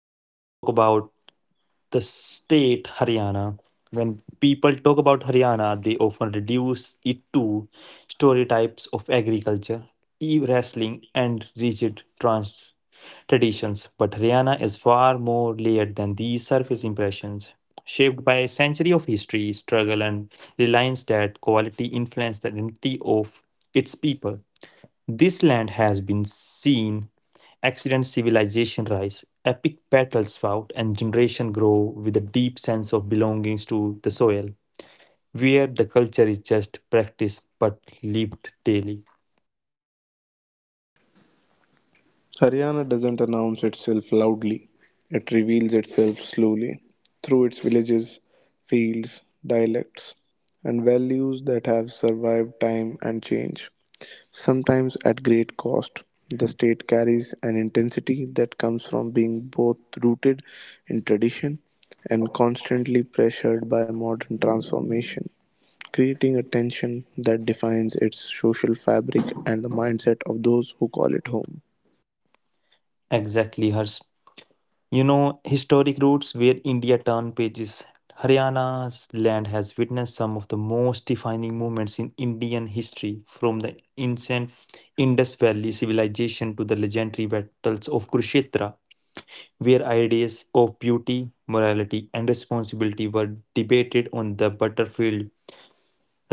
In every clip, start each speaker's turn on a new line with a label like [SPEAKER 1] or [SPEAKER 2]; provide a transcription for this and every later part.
[SPEAKER 1] Let's talk about the state Haryana. When people talk about Haryana, they often reduce it to stereotypes of agriculture, e-wrestling, and rigid trans traditions. But Haryana is far more layered than these surface impressions. Shaped by a century of history, struggle, and reliance that quality influenced the identity of its people. This land has been seen accident civilization rise, epic battles fought, and generation grow with a deep sense of belongings to the soil, where the culture is just practiced but lived daily.
[SPEAKER 2] Haryana doesn't announce itself loudly, it reveals itself slowly through its villages, fields, dialects, and values that have survived time and change. Sometimes at great cost, the state carries an intensity that comes from being both rooted in tradition and constantly pressured by modern transformation, creating a tension that defines its social fabric and the mindset of those who call it home.
[SPEAKER 1] Exactly, hers. Historic roots where India turned pages. Haryana's land has witnessed some of the most defining moments in Indian history, from the ancient Indus Valley civilization to the legendary battles of Kurukshetra, where ideas of beauty, morality, and responsibility were debated on the battlefield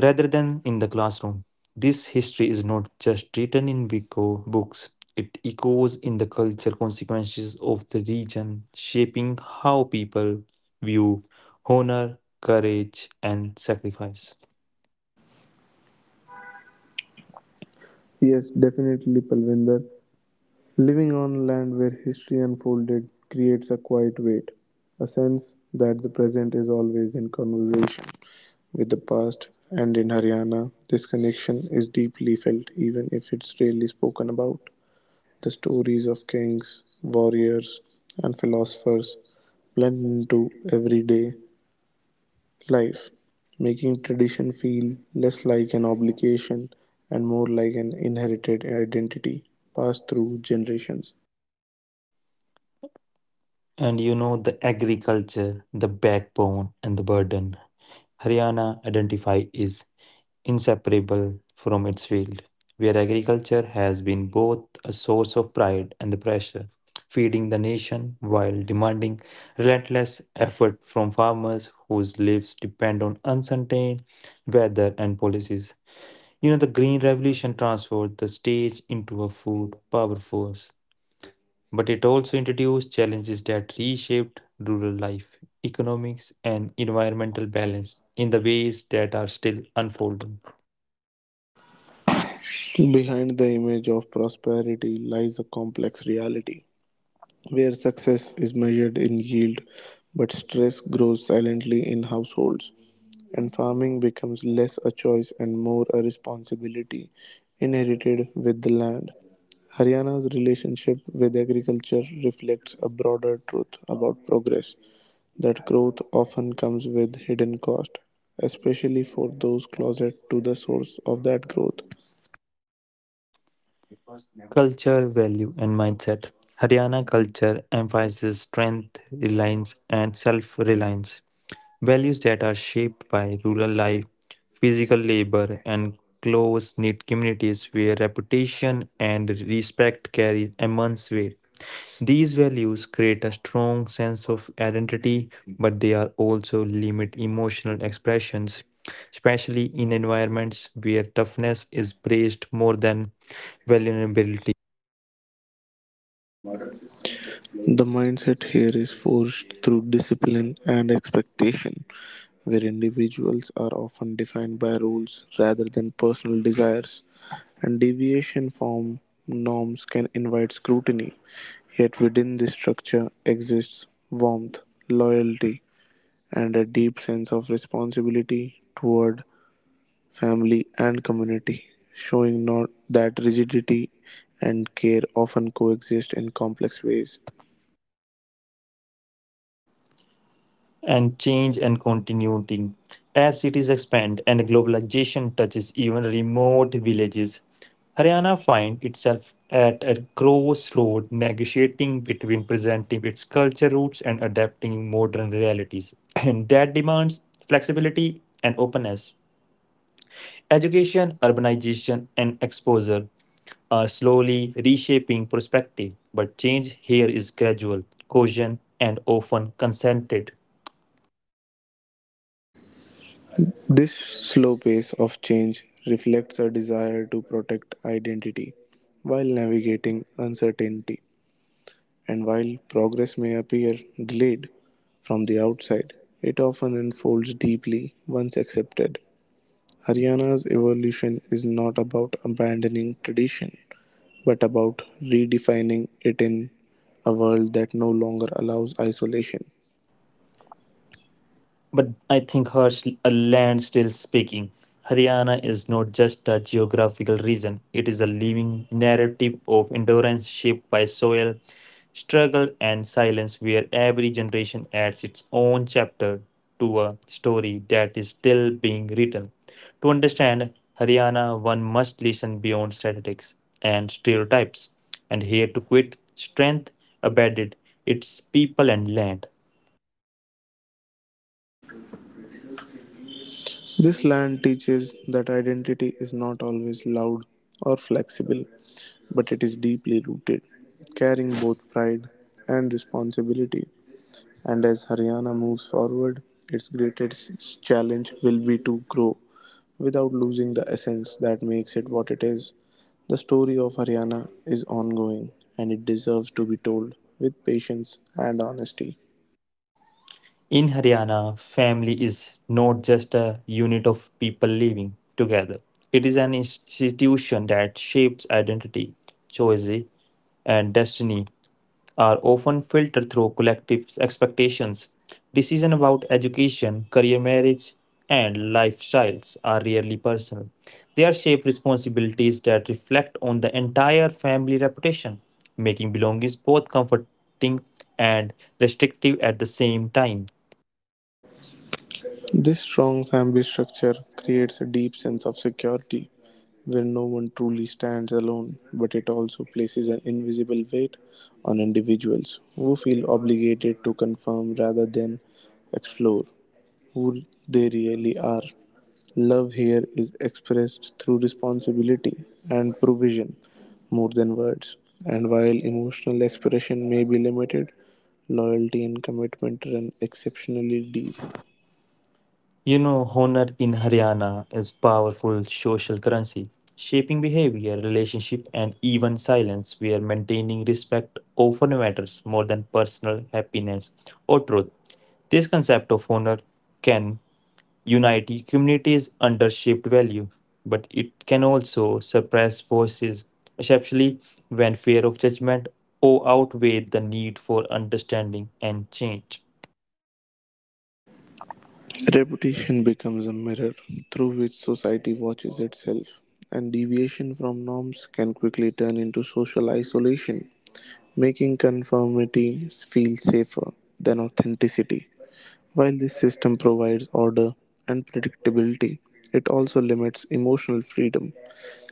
[SPEAKER 1] rather than in the classroom. This history is not just written in books, it echoes in the culture consequences of the region, shaping how people view honor, courage, and sacrifice.
[SPEAKER 2] Yes, definitely, Palvinder. Living on land where history unfolded creates a quiet weight, a sense that the present is always in conversation with the past, and in Haryana, this connection is deeply felt even if it's rarely spoken about. The stories of kings, warriors, and philosophers blend into everyday life, making tradition feel less like an obligation and more like an inherited identity passed through generations.
[SPEAKER 1] And the agriculture, the backbone, and the burden. Haryana identify is inseparable from its field, where agriculture has been both a source of pride and the pressure, feeding the nation while demanding relentless effort from farmers whose lives depend on uncertain weather and policies. The Green Revolution transformed the stage into a food power force, but it also introduced challenges that reshaped rural life, economics, and environmental balance in the ways that are still unfolding.
[SPEAKER 2] Behind the image of prosperity lies a complex reality where success is measured in yield, but stress grows silently in households, and farming becomes less a choice and more a responsibility inherited with the land. Haryana's relationship with agriculture reflects a broader truth about progress that growth often comes with hidden cost, especially for those closet to the source of that growth.
[SPEAKER 1] Culture, value, and mindset. Haryana culture emphasizes strength, reliance, and self reliance, values that are shaped by rural life, physical labor, and close knit communities where reputation and respect carry immense weight. These values create a strong sense of identity, but they are also limit emotional expressions, especially in environments where toughness is praised more than vulnerability.
[SPEAKER 2] The mindset here is forged through discipline and expectation, where individuals are often defined by rules rather than personal desires, and deviation from norms can invite scrutiny. Yet within this structure exists warmth, loyalty, and a deep sense of responsibility toward family and community, showing not that rigidity and care often coexist in complex ways.
[SPEAKER 1] And change and continuity. As cities expand and globalization touches even remote villages, Haryana finds itself at a crossroad negotiating between presenting its culture roots and adapting modern realities. And that demands flexibility and openness. Education, urbanization, and exposure are slowly reshaping perspective, but change here is gradual, cautious, and often consented.
[SPEAKER 2] This slow pace of change reflects a desire to protect identity while navigating uncertainty. And while progress may appear delayed from the outside, it often unfolds deeply once accepted. Haryana's evolution is not about abandoning tradition, but about redefining it in a world that no longer allows isolation.
[SPEAKER 1] But I think a land still speaking. Haryana is not just a geographical region, it is a living narrative of endurance shaped by soil, struggle, and silence, where every generation adds its own chapter to a story that is still being written. To understand Haryana, one must listen beyond statistics and stereotypes and hear to quit strength abetted its people and land.
[SPEAKER 2] This land teaches that identity is not always loud or flexible, but it is deeply rooted, carrying both pride and responsibility. And as Haryana moves forward, its greatest challenge will be to grow without losing the essence that makes it what it is. The story of Haryana is ongoing and it deserves to be told with patience and honesty.
[SPEAKER 1] In Haryana, family is not just a unit of people living together. It is an institution that shapes identity, choice, and destiny are often filtered through collective expectations. Decisions about education, career, marriage, and lifestyles are rarely personal. They are shaped responsibilities that reflect on the entire family reputation, making belongings both comforting and restrictive at the same time.
[SPEAKER 2] This strong family structure creates a deep sense of security where no one truly stands alone, but it also places an invisible weight on individuals who feel obligated to confirm rather than explore who they really are. Love here is expressed through responsibility and provision more than words. And while emotional expression may be limited, loyalty and commitment run exceptionally deep.
[SPEAKER 1] Honor in Haryana is powerful social currency, shaping behavior, relationship, and even silence, where maintaining respect often matters more than personal happiness or truth. This concept of honor can unite communities under shaped value, but it can also suppress forces, especially when fear of judgment or outweigh the need for understanding and change.
[SPEAKER 2] Reputation becomes a mirror through which society watches itself, and deviation from norms can quickly turn into social isolation, making conformity feel safer than authenticity. While this system provides order and predictability, it also limits emotional freedom,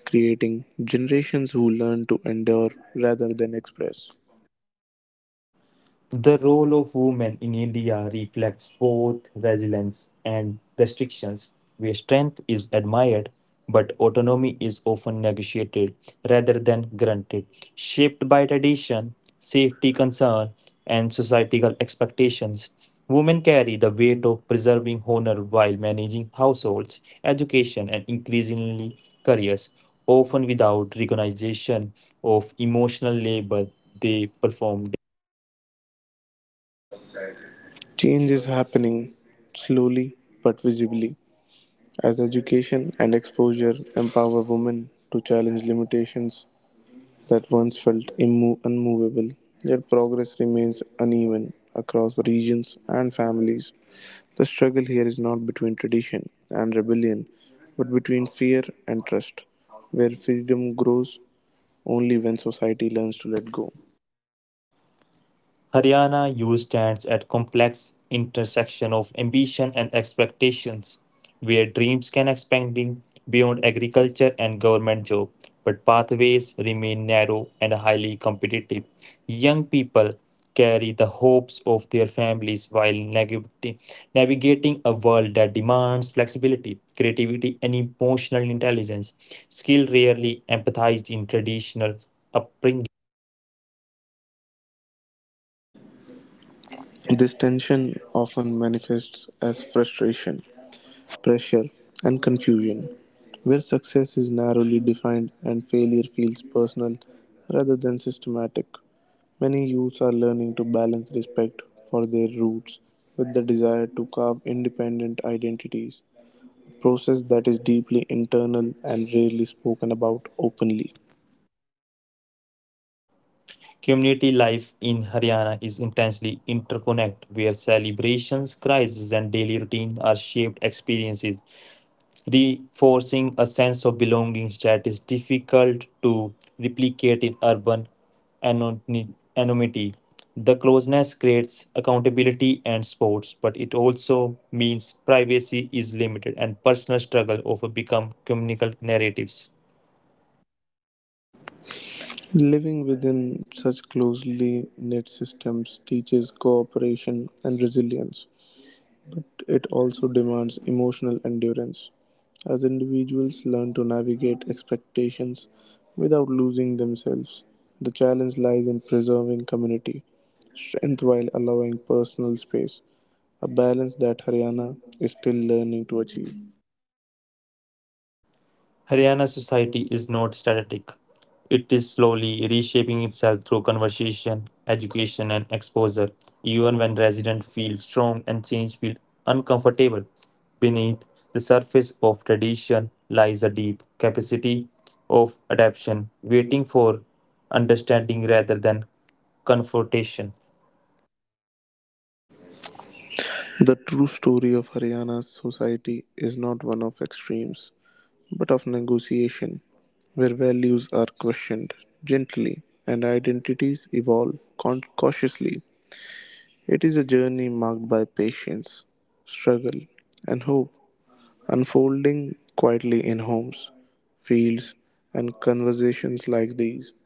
[SPEAKER 2] creating generations who learn to endure rather than express.
[SPEAKER 1] The role of women in India reflects both resilience and restrictions, where strength is admired but autonomy is often negotiated rather than granted, shaped by tradition, safety concern, and societal expectations. Women carry the weight of preserving honor while managing households, education, and increasingly careers, often without recognition of emotional labor they perform.
[SPEAKER 2] Change is happening slowly but visibly as education and exposure empower women to challenge limitations that once felt unmovable. Yet progress remains uneven across regions and families. The struggle here is not between tradition and rebellion, but between fear and trust, where freedom grows only when society learns to let go.
[SPEAKER 1] Haryana U stands at complex intersection of ambition and expectations, where dreams can expanding beyond agriculture and government job, but pathways remain narrow and highly competitive. Young people carry the hopes of their families while navigating a world that demands flexibility, creativity, and emotional intelligence, skill rarely empathized in traditional upbringing.
[SPEAKER 2] This tension often manifests as frustration, pressure, and confusion, where success is narrowly defined and failure feels personal rather than systematic. Many youths are learning to balance respect for their roots with the desire to carve independent identities process that is deeply internal and rarely spoken about openly.
[SPEAKER 1] Community life in Haryana is intensely interconnected, where celebrations, crises, and daily routines are shaped experiences, reinforcing a sense of belonging that is difficult to replicate in urban anony- anonymity. The closeness creates accountability and sports, but it also means privacy is limited and personal struggle often become communal narratives.
[SPEAKER 2] Living within such closely knit systems teaches cooperation and resilience. It also demands emotional endurance. As individuals learn to navigate expectations without losing themselves, the challenge lies in preserving community strength while allowing personal space, a balance that Haryana is still learning to achieve.
[SPEAKER 1] Haryana society is not static. It is slowly reshaping itself through conversation, education, and exposure. Even when residents feel strong and change feel uncomfortable, beneath the surface of tradition lies a deep capacity of adaptation, waiting for understanding rather than confrontation.
[SPEAKER 2] The true story of Haryana's society is not one of extremes, but of negotiation, where values are questioned gently and identities evolve cautiously. It is a journey marked by patience, struggle, and hope, unfolding quietly in homes, fields, and conversations like these.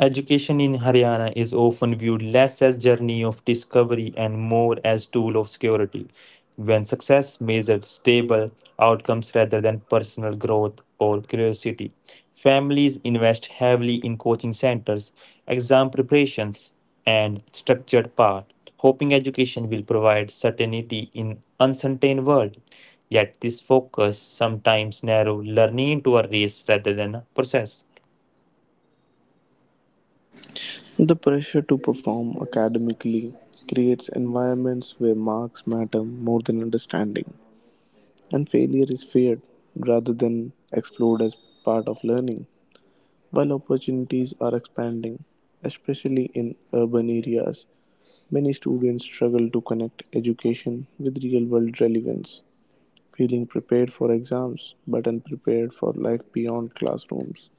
[SPEAKER 1] Education in Haryana is often viewed less as journey of discovery and more as tool of security. When success measured stable outcomes rather than personal growth or curiosity, families invest heavily in coaching centers, exam preparations, and structured path, hoping education will provide certainty in uncertain world. Yet this focus sometimes narrow learning into a race rather than a process.
[SPEAKER 2] The pressure to perform academically creates environments where marks matter more than understanding and failure is feared rather than explored as part of learning. While opportunities are expanding, especially in urban areas, many students struggle to connect education with real world relevance, feeling prepared for exams but unprepared for life beyond classrooms.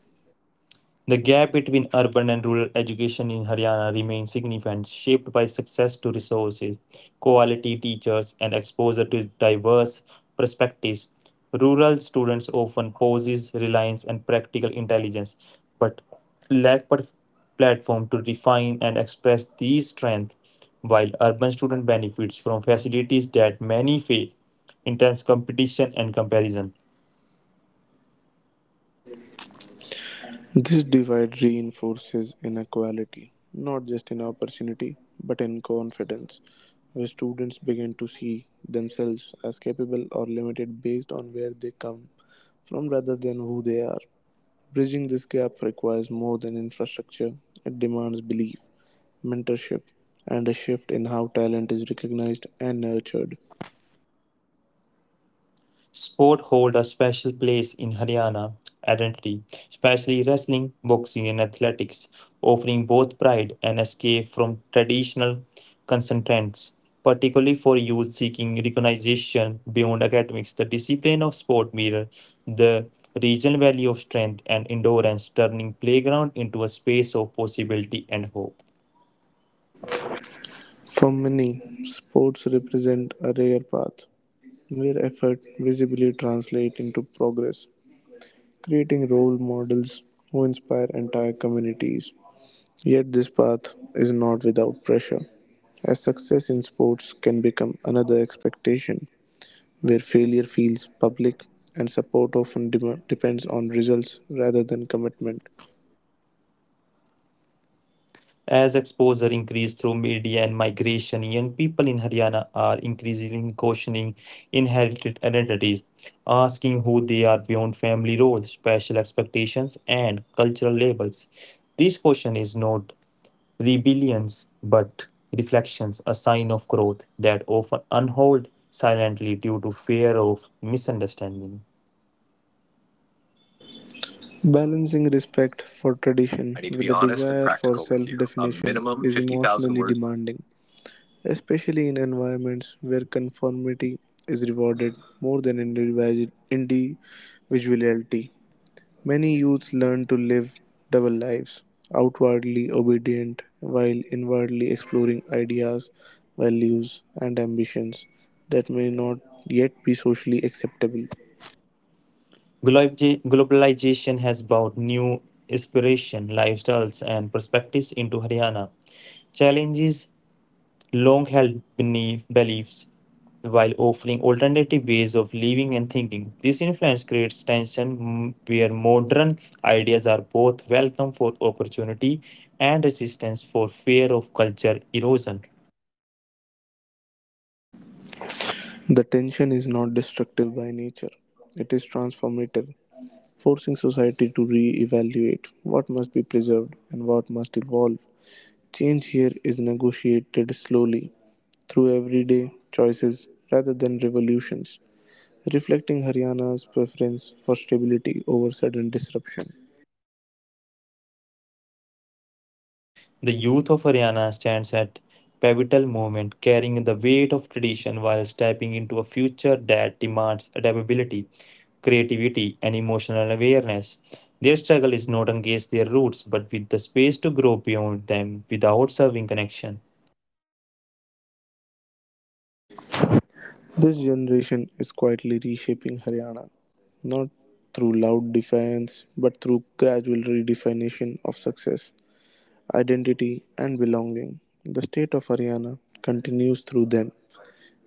[SPEAKER 1] The gap between urban and rural education in Haryana remains significant, shaped by success to resources, quality teachers, and exposure to diverse perspectives. Rural students often possess reliance and practical intelligence, but lack platform to refine and express these strengths, while urban students benefits from facilities that many face, intense competition and comparison.
[SPEAKER 2] This divide reinforces inequality, not just in opportunity, but in confidence, where students begin to see themselves as capable or limited based on where they come from rather than who they are. Bridging this gap requires more than infrastructure, it demands belief, mentorship, and a shift in how talent is recognized and nurtured.
[SPEAKER 1] Sport hold a special place in Haryana identity, especially wrestling, boxing, and athletics, offering both pride and escape from traditional constraints. Particularly for youth seeking recognition beyond academics, the discipline of sport mirror the regional value of strength and endurance, turning playground into a space of possibility and hope.
[SPEAKER 2] For many, sports represent a rare path where effort visibly translates into progress creating role models who inspire entire communities. Yet, this path is not without pressure, as success in sports can become another expectation, where failure feels public and support often depends on results rather than commitment.
[SPEAKER 1] As exposure increased through media and migration, young people in Haryana are increasingly questioning inherited identities, asking who they are beyond family roles, special expectations, and cultural labels. This question is not rebellions but reflections, a sign of growth that often unhold silently due to fear of misunderstanding.
[SPEAKER 2] Balancing respect for
[SPEAKER 1] I
[SPEAKER 2] tradition
[SPEAKER 1] need to
[SPEAKER 2] with
[SPEAKER 1] be
[SPEAKER 2] the
[SPEAKER 1] honest and
[SPEAKER 2] desire for
[SPEAKER 1] practical with
[SPEAKER 2] self
[SPEAKER 1] you. A
[SPEAKER 2] definition
[SPEAKER 1] minimum
[SPEAKER 2] is
[SPEAKER 1] 50,000
[SPEAKER 2] emotionally
[SPEAKER 1] words.
[SPEAKER 2] demanding, especially in environments where conformity is rewarded more than individuality. Many youths learn to live double lives, outwardly obedient while inwardly exploring ideas, values, and ambitions that may not yet be socially acceptable.
[SPEAKER 1] Globalization has brought new inspiration, lifestyles, and perspectives into Haryana, challenges long held beliefs while offering alternative ways of living and thinking. This influence creates tension where modern ideas are both welcome for opportunity and resistance for fear of culture erosion.
[SPEAKER 2] The tension is not destructive by nature, it is transformative, forcing society to re evaluate what must be preserved and what must evolve. Change here is negotiated slowly through everyday choices rather than revolutions, reflecting Haryana's preference for stability over sudden disruption.
[SPEAKER 1] The youth of Haryana stands at pivotal moment, carrying the weight of tradition while stepping into a future that demands adaptability, creativity, and emotional awareness. Their struggle is not against their roots, but with the space to grow beyond them without serving connection.
[SPEAKER 2] This generation is quietly reshaping Haryana, not through loud defiance, but through gradual redefinition of success, identity, and belonging. The state of Haryana continues through them,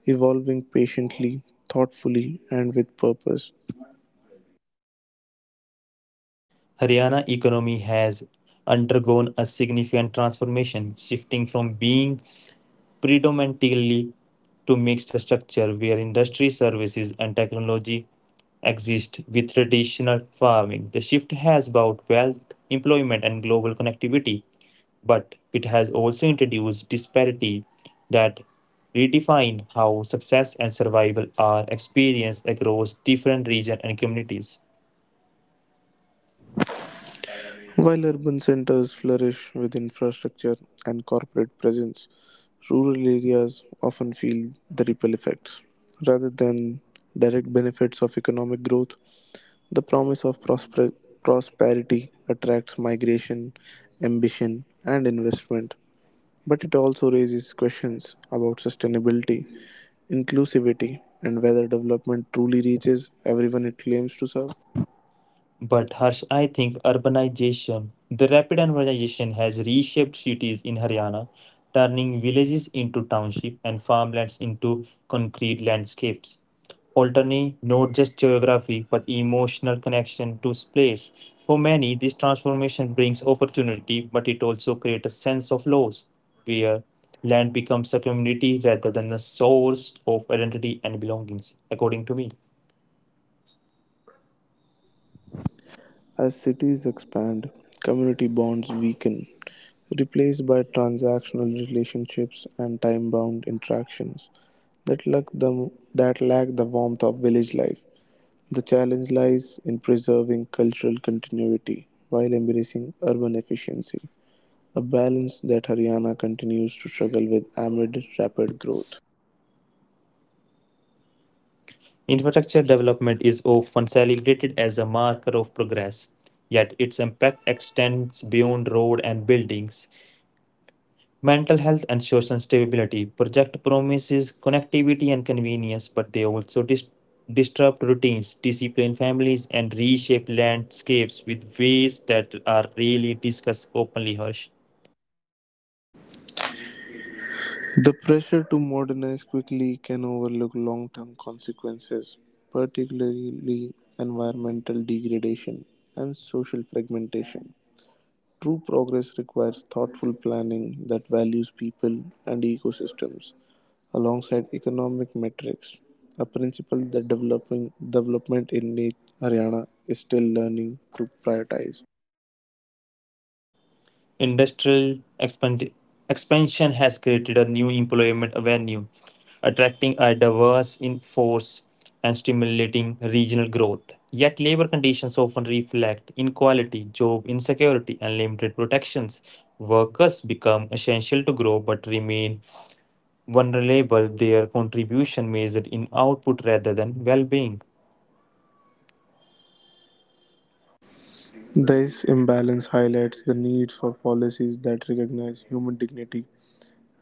[SPEAKER 2] evolving patiently, thoughtfully, and with purpose.
[SPEAKER 1] Haryana economy has undergone a significant transformation, shifting from being predominantly to mixed structure where industry, services, and technology exist with traditional farming. The shift has brought wealth, employment, and global connectivity, but it has also introduced disparity that redefine how success and survival are experienced across different regions and communities.
[SPEAKER 2] While urban centers flourish with infrastructure and corporate presence, rural areas often feel the ripple effects. Rather than direct benefits of economic growth, the promise of prosperity attracts migration, ambition, and investment. But it also raises questions about sustainability, inclusivity, and whether development truly reaches everyone it claims to serve.
[SPEAKER 1] But Harsh, I think urbanization, the rapid urbanization has reshaped cities in Haryana, turning villages into township and farmlands into concrete landscapes. Alternate not just geography but emotional connection to place. For many, this transformation brings opportunity, but it also creates a sense of loss, where land becomes a community rather than a source of identity and belongings, according to me.
[SPEAKER 2] As cities expand, community bonds weaken replaced by transactional relationships and time bound interactions that lack the warmth of village life. The challenge lies in preserving cultural continuity while embracing urban efficiency, a balance that Haryana continues to struggle with amid rapid growth.
[SPEAKER 1] Infrastructure development is often celebrated as a marker of progress, yet its impact extends beyond road and buildings. Mental health and social stability project promises connectivity and convenience, but they also disrupt routines, discipline families, and reshape landscapes with ways that are rarely discussed openly. Harsh.
[SPEAKER 2] The pressure to modernize quickly can overlook long term consequences, particularly environmental degradation and social fragmentation. True progress requires thoughtful planning that values people and ecosystems alongside economic metrics, a principle that developing development in Haryana is still learning to prioritize.
[SPEAKER 1] Industrial expand- expansion has created a new employment avenue, attracting a diverse in force and stimulating regional growth. Yet, labor conditions often reflect inequality, job insecurity, and limited protections. Workers become essential to grow but remain vulnerable, their contribution measured in output rather than well being.
[SPEAKER 2] This imbalance highlights the need for policies that recognize human dignity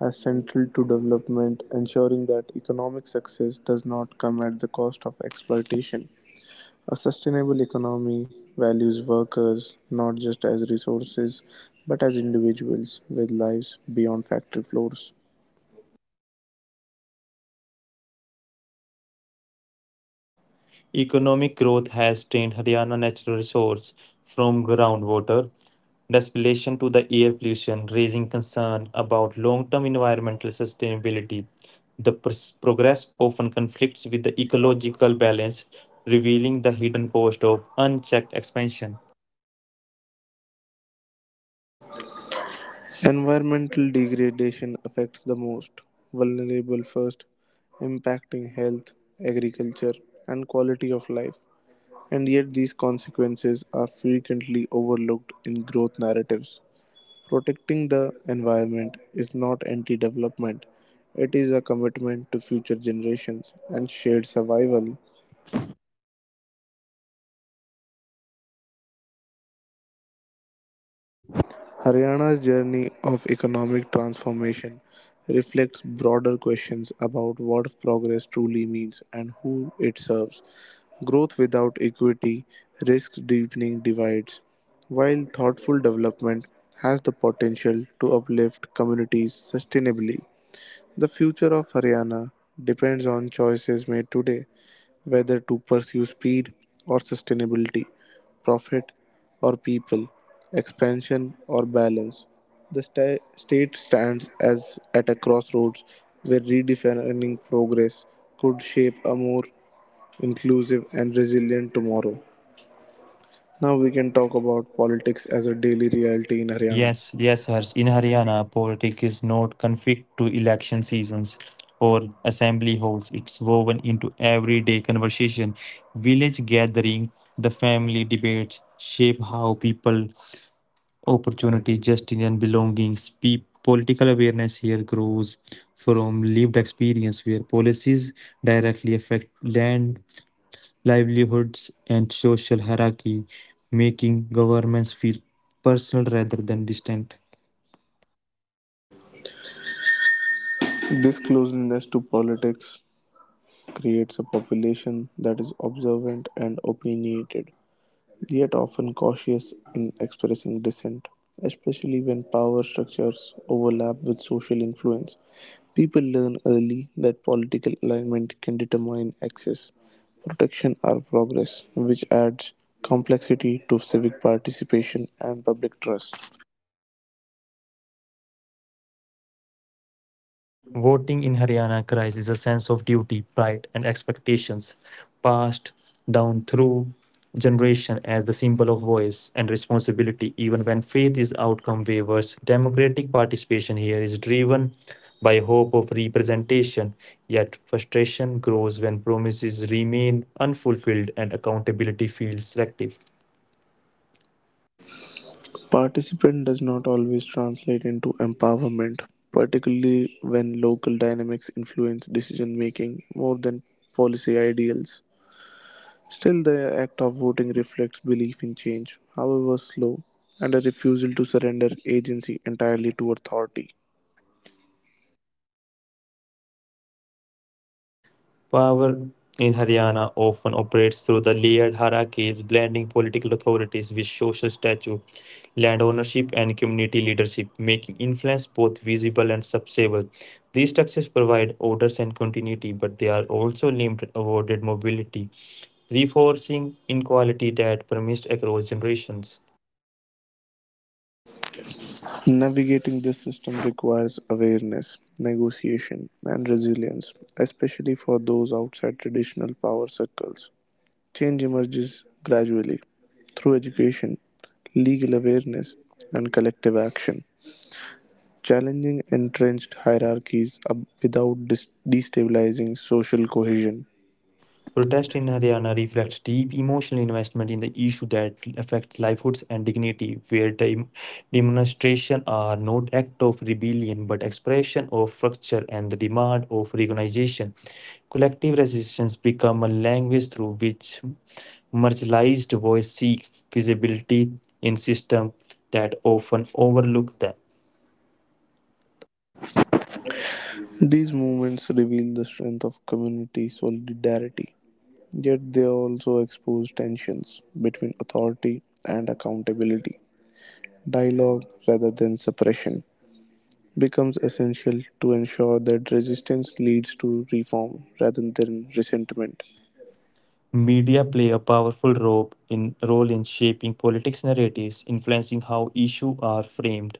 [SPEAKER 2] as central to development, ensuring that economic success does not come at the cost of exploitation. A sustainable economy values workers not just as resources but as individuals with lives beyond factory floors.
[SPEAKER 1] Economic growth has drained Haryana natural resource from groundwater distillation to the air pollution, raising concern about long-term environmental sustainability. The progress often conflicts with the ecological balance, revealing the hidden cost of unchecked expansion.
[SPEAKER 2] Environmental degradation affects the most vulnerable first, impacting health, agriculture, and quality of life. And yet, these consequences are frequently overlooked in growth narratives. Protecting the environment is not anti development, it is a commitment to future generations and shared survival. Haryana's journey of economic transformation reflects broader questions about what progress truly means and who it serves. Growth without equity risks deepening divides, while thoughtful development has the potential to uplift communities sustainably. The future of Haryana depends on choices made today whether to pursue speed or sustainability, profit or people, expansion or balance. The state stands as at a crossroads where redefining progress could shape a more inclusive and resilient tomorrow. Now we can talk about politics as a daily reality in Haryana.
[SPEAKER 1] Yes, yes, Harsh. In Haryana, politics is not confined to election seasons or assembly halls. It's woven into everyday conversation, village gathering, the family debates shape how people, opportunity, justice, and belongings. Political awareness here grows from lived experience, where policies directly affect land, livelihoods, and social hierarchy, making governments feel personal rather than distant.
[SPEAKER 2] This closeness to politics creates a population that is observant and opinionated, yet often cautious in expressing dissent, especially when power structures overlap with social influence. People learn early that political alignment can determine access, protection, or progress, which adds complexity to civic participation and public trust.
[SPEAKER 1] Voting in Haryana cries a sense of duty, pride, and expectations passed down through generation as the symbol of voice and responsibility even when faith is outcome wavers democratic participation here is driven by hope of representation yet frustration grows when promises remain unfulfilled and accountability feels selective.
[SPEAKER 2] Participant does not always translate into empowerment, particularly when local dynamics influence decision making more than policy ideals. Still, the act of voting reflects belief in change, however slow, and a refusal to surrender agency entirely to authority.
[SPEAKER 1] Power in Haryana often operates through the layered hierarchies, blending political authorities with social stature, land ownership, and community leadership, making influence both visible and subservable. These structures provide orders and continuity, but they are also limited, avoided mobility, reinforcing inequality that persists across generations.
[SPEAKER 2] Navigating this system requires awareness, negotiation, and resilience, especially for those outside traditional power circles. Change emerges gradually through education, legal awareness, and collective action, challenging entrenched hierarchies without destabilizing social cohesion.
[SPEAKER 1] Protest in Haryana reflects deep emotional investment in the issue that affects livelihoods and dignity, where the demonstrations are not acts of rebellion but expression of fracture and the demand of recognition. Collective resistance become a language through which marginalized voices seek visibility in systems that often overlook them.
[SPEAKER 2] These movements reveal the strength of community solidarity, yet they also expose tensions between authority and accountability. Dialogue, rather than suppression, becomes essential to ensure that resistance leads to reform rather than resentment.
[SPEAKER 1] Media play a powerful role in shaping politics narratives, influencing how issues are framed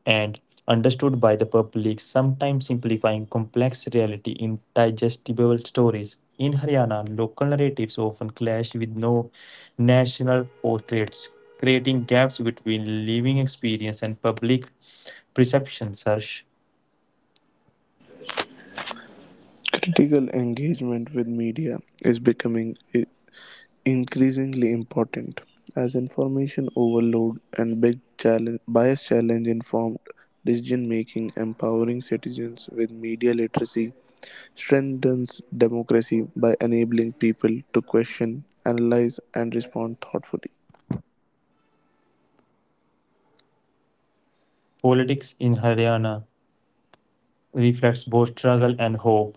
[SPEAKER 1] and understood by the public, sometimes simplifying complex reality in digestible stories. In Haryana, local narratives often clash with no national portraits, creating gaps between living experience and public perceptions. Harsh,
[SPEAKER 2] Critical engagement with media is becoming increasingly important as information overload and big challenge, bias challenge informed decision making empowering citizens with media literacy strengthens democracy by enabling people to question analyze and respond thoughtfully.
[SPEAKER 1] politics in Haryana reflects both struggle and hope,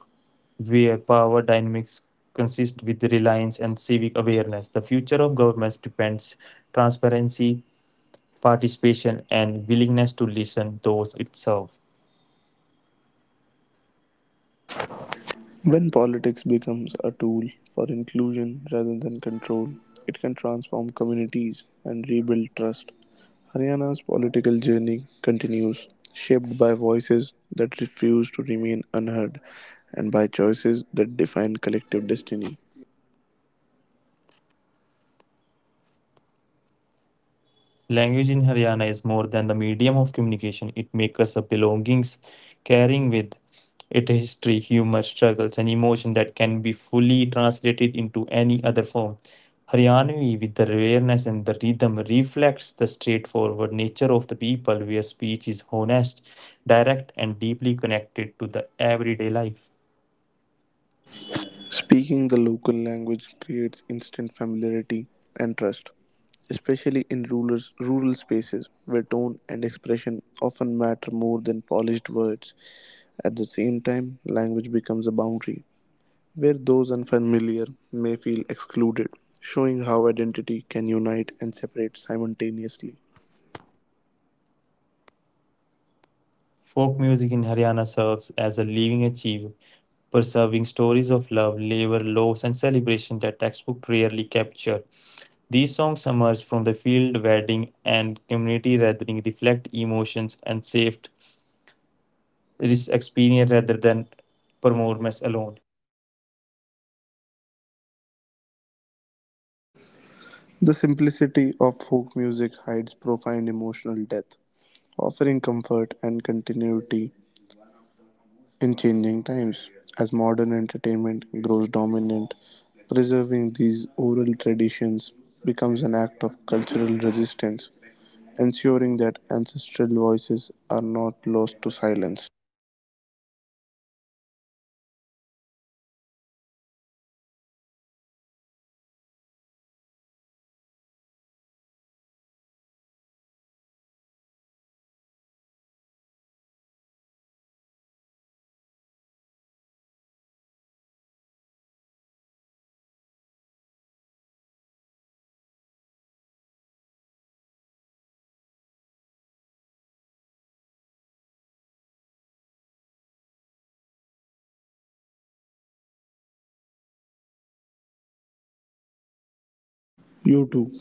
[SPEAKER 1] where power dynamics consist with reliance and civic awareness. The future of governments depends transparency, participation, and willingness to listen those it serves.
[SPEAKER 2] When politics becomes a tool for inclusion rather than control, it can transform communities and rebuild trust. Haryana's political journey continues, shaped by voices that refuse to remain unheard and by choices that define collective destiny.
[SPEAKER 1] Language in Haryana is more than the medium of communication, it makes us a belongings, carrying with it history, humor, struggles, and emotion that can be fully translated into any other form. Haryanvi, with the rareness and the rhythm, reflects the straightforward nature of the people where speech is honest, direct, and deeply connected to the everyday life.
[SPEAKER 2] Speaking the local language creates instant familiarity and trust, especially in rural spaces where tone and expression often matter more than polished words. At the same time, language becomes a boundary where those unfamiliar may feel excluded, showing how identity can unite and separate simultaneously.
[SPEAKER 1] Folk music in Haryana serves as a living archive, preserving stories of love, labor, loss, and celebration that textbooks rarely capture. These songs emerge from the field, wedding, and community gathering, reflect emotions and shaped this experience rather than performance alone.
[SPEAKER 2] The simplicity of folk music hides profound emotional depth, offering comfort and continuity in changing times. As modern entertainment grows dominant, preserving these oral traditions becomes an act of cultural resistance, ensuring that ancestral voices are not lost to silence. You too.